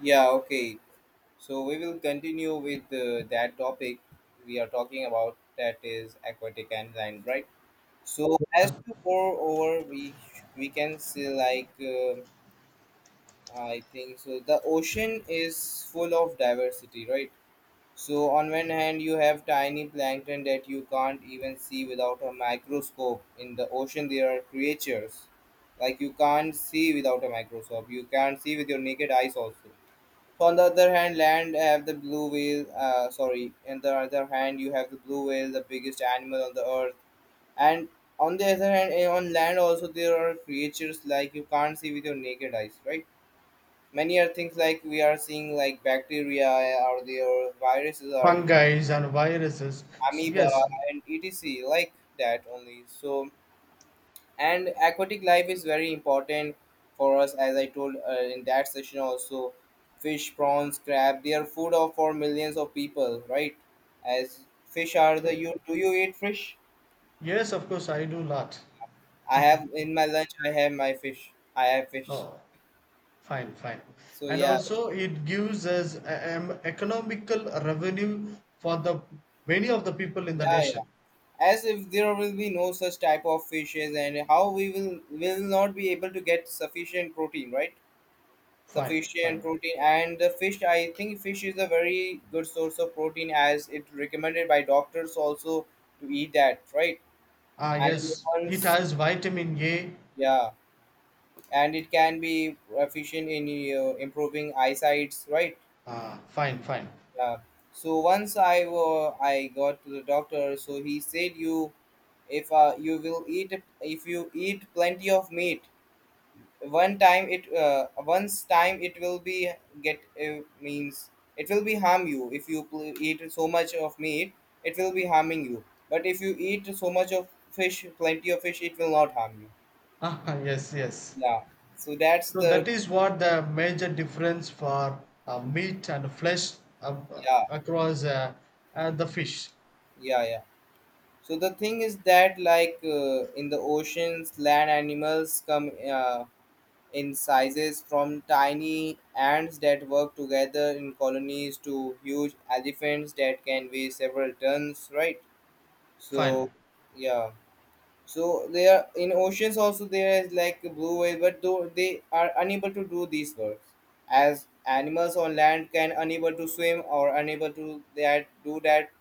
Yeah, okay. So we will continue with that topic we are talking about, that is aquatic enzyme, right? So as to pour over, we can say like I think so. The ocean is full of diversity, right? So on one hand, you have tiny plankton that you can't even see without a microscope. In the ocean, there are creatures like you can't see without a microscope. You can't see with your naked eyes also. On the other hand, land have the blue whale. On the other hand, you have the blue whale, the biggest animal on the earth. And on the other hand, on land also there are creatures like you can't see with your naked eyes, right? Many are things like we are seeing, like bacteria are there, viruses are there, Fungi and viruses. So amoeba yes, and etc. like that only. So and aquatic life is very important for us, as I told in that session also. Fish, prawns, crab, they are food of for millions of people, right? As fish are the, you do you eat fish? yes, of course, I do lot. I have in my lunch, I have my fish, I have fish. Oh, fine, fine. So And yeah, also, it gives us economical revenue for the many of the people in the yeah, yeah. nation. As if there will be no such type of fishes, and how we will not be able to get sufficient protein, right? Fine, Sufficient fine. protein. And the fish, I think fish is a very good source of protein, as it recommended by doctors also to eat that, right? Ah, And yes, it once, has vitamin A. yeah, and it can be efficient in improving eyesights, right? Ah, fine, fine. Yeah. So once I I got to the doctor, so he said, you, if you will eat, if you eat plenty of meat, one time it once time it will be get means it will be harm you if you eat so much of meat, it will be harming you. But if you eat so much of fish, plenty of fish, it will not harm you. Ah, yes, yes. Yeah. So that's So the, that is what the major difference for meat and flesh uh, yeah, across the fish. yeah, yeah. So the thing is that, like in the oceans, land animals come in sizes from tiny ants that work together in colonies to huge elephants that can weigh several tons, right? So, Fine. yeah. So they are in oceans also, there is like a blue whale, but though they are unable to do these works, as animals on land can unable to swim or unable to that do that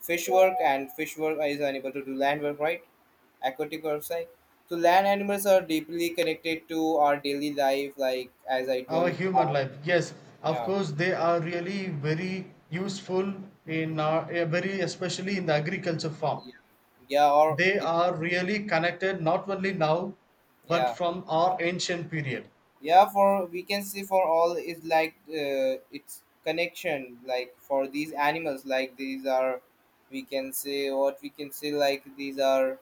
fish work, and fish work is unable to do land work, right? Aquatic work side. So land animals are deeply connected to our daily life, like as I Our told. human Cow, life, yes, of yeah, course, they are really very useful in our very especially in the agriculture farm. yeah, yeah, or They it, are really connected not only now, but yeah, from our ancient period. yeah, for we can say for all is like its connection like for these animals, like these are, we can say what we can say, like these are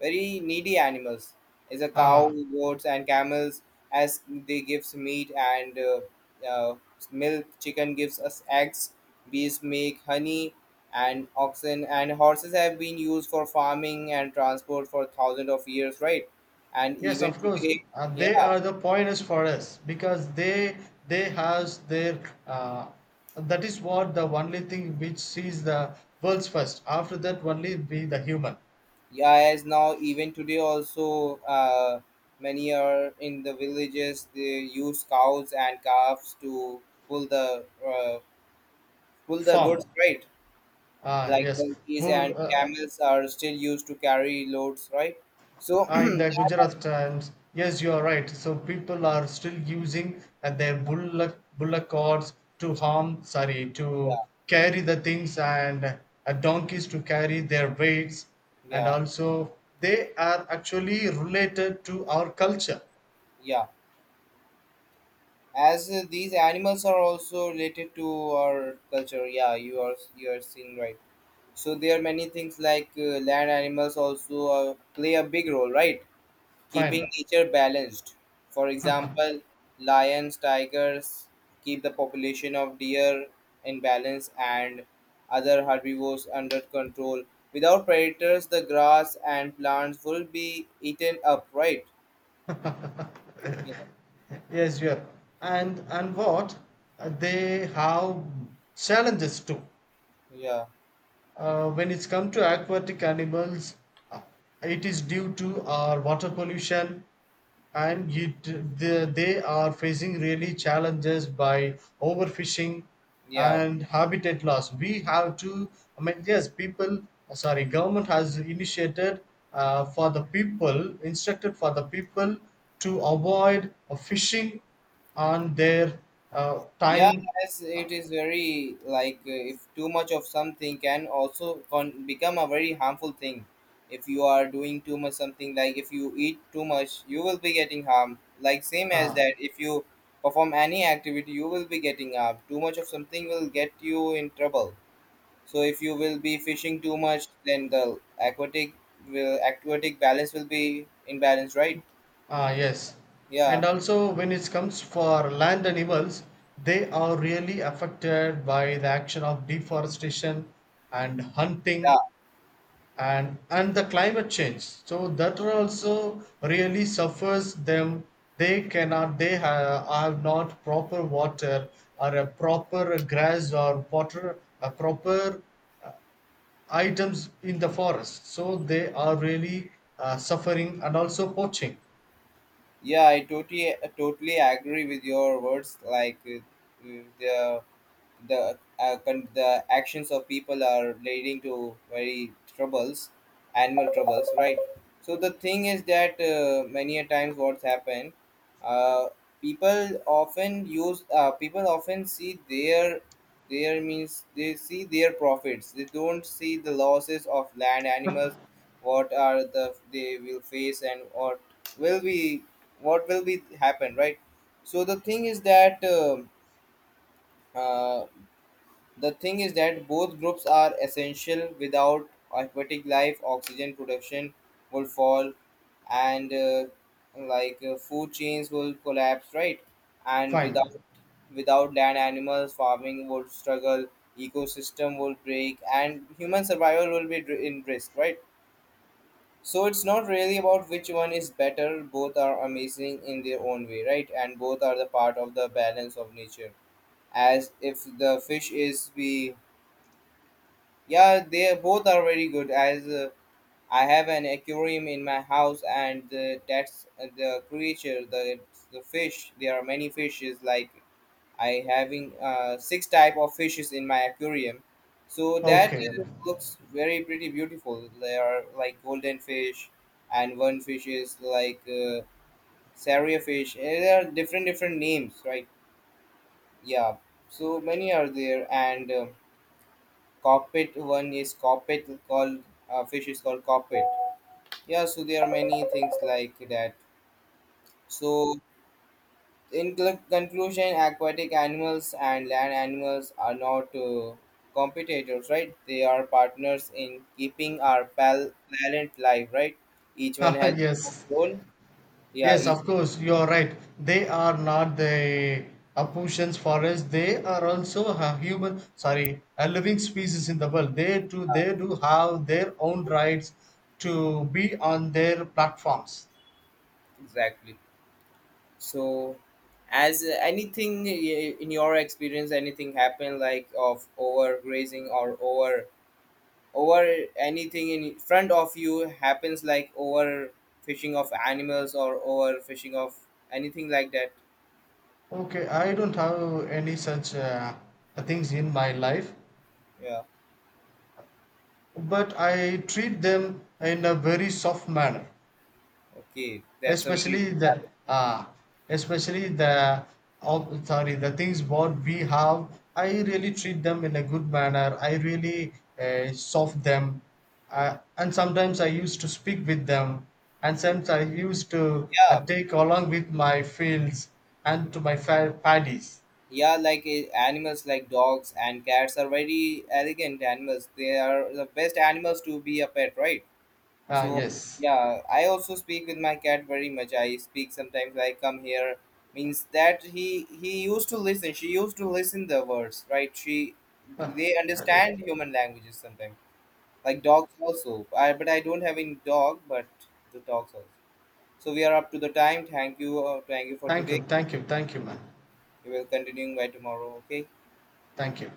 very needy animals, is a cow, Ah, goats and camels. As they gives meat and uh, milk. Chicken gives us eggs, bees make honey, and oxen and horses have been used for farming and transport for thousands of years, right? And yes, even of course, today, they are the pointers for us because they has their uh, that is what the only thing which sees the world's first, after that only be the human yeah, as now even today also many are in the villages, they use cows and calves to pull the goods, form. right? Ah, Like yes. who. donkeys and camels are still used to carry loads, right? So In the Gujarat times, yes, you are right. So people are still using their bullock carts to yeah, carry the things, and donkeys to carry their weights, and yeah, also they are actually related to our culture. yeah. As these animals are also related to our culture, yeah, you are seeing, right? So there are many things like land animals also play a big role, right? Keeping Fine. nature balanced. For example, lions, tigers keep the population of deer in balance and other herbivores under control. Without predators, the grass and plants will be eaten up, right? Yeah, Yes, you are. And what They have challenges too. yeah, When it's come to aquatic animals, uh, it is due to our water pollution, and they are facing really challenges by overfishing yeah. and habitat loss. We have to, I mean, yes, government has initiated for the people, instructed for the people to avoid fishing on their Yeah, time. yes, it is very like if too much of something can also become a very harmful thing. If you are doing too much something, like if you eat too much, you will be getting harm. Like same as uh, that, if you perform any activity, you will be getting harm. Too much of something will get you in trouble. So if you will be fishing too much, then the aquatic will aquatic balance will be imbalanced, right? Ah, yes. Yeah, And also, when it comes for land animals, they are really affected by the action of deforestation and yeah. hunting and the climate change. So that one also really suffers them. They ha have not proper water or a proper grass or water, a proper uh, items in the forest. So they are really suffering, and also poaching. Yeah, I totally agree with your words. Like the the the actions of people are leading to very troubles, animal troubles, right? So the thing is that many a times what's happened, uh, people often use people often see their means they see their profits, they don't see the losses of land animals, what are the they will face and what will be, what will be happen, right? So the thing is that, uh, the thing is that both groups are essential. Without aquatic life, oxygen production will fall, and like food chains will collapse, right? And Fine. without land animals, farming would struggle, ecosystem will break, and human survival will be in risk, right? So it's not really about which one is better. Both are amazing in their own way, right? And both are the part of the balance of nature, as if the fish is be, yeah, they both are very good. As I have an aquarium in my house, and the, that's the creature, the fish. There are many fishes. Like I having 6 type of fishes in my aquarium, so that Okay. looks very pretty beautiful. They are like golden fish, and one fish is like saria fish. There are different different names, right? Yeah. So many are there, and. Cockpit, one is cockpit called, fish is called cockpit. Yeah, so there are many things like that. So in conclusion, aquatic animals and land animals are not competitors, right? They are partners in keeping our planet alive, right? Each one has Yes. a role. Yeah, Yes, each, of course, you are right. They are not the Aputians for us. They are also a human, sorry, a living species in the world. They do have their own rights to be on their platforms. exactly. So as anything in your experience anything happened like of overgrazing or over, over anything in front of you happens, like over fishing of animals or over fishing of anything like that? Okay, I don't have any such things in my life, Yeah, but I treat them in a very soft manner. okay, that's a very especially the uh, Especially the oh, sorry, the things what we have, I really treat them in a good manner. I really soft them, and sometimes I used to speak with them, and sometimes I used to yeah, take along with my fields and to my paddies. yeah. Like animals like dogs and cats are very elegant animals, they are the best animals to be a pet, right? Ah, So yes. yeah, I also speak with my cat very much. I speak sometimes. I come here, means that he used to listen. She used to listen the words, right? She, they understand human languages sometimes, like dogs also. I, but I don't have any dog, but the dogs also. So we are up to the time. Thank you for Thank today. you, thank you, thank you, man. We will continuing by tomorrow. Okay. Thank you.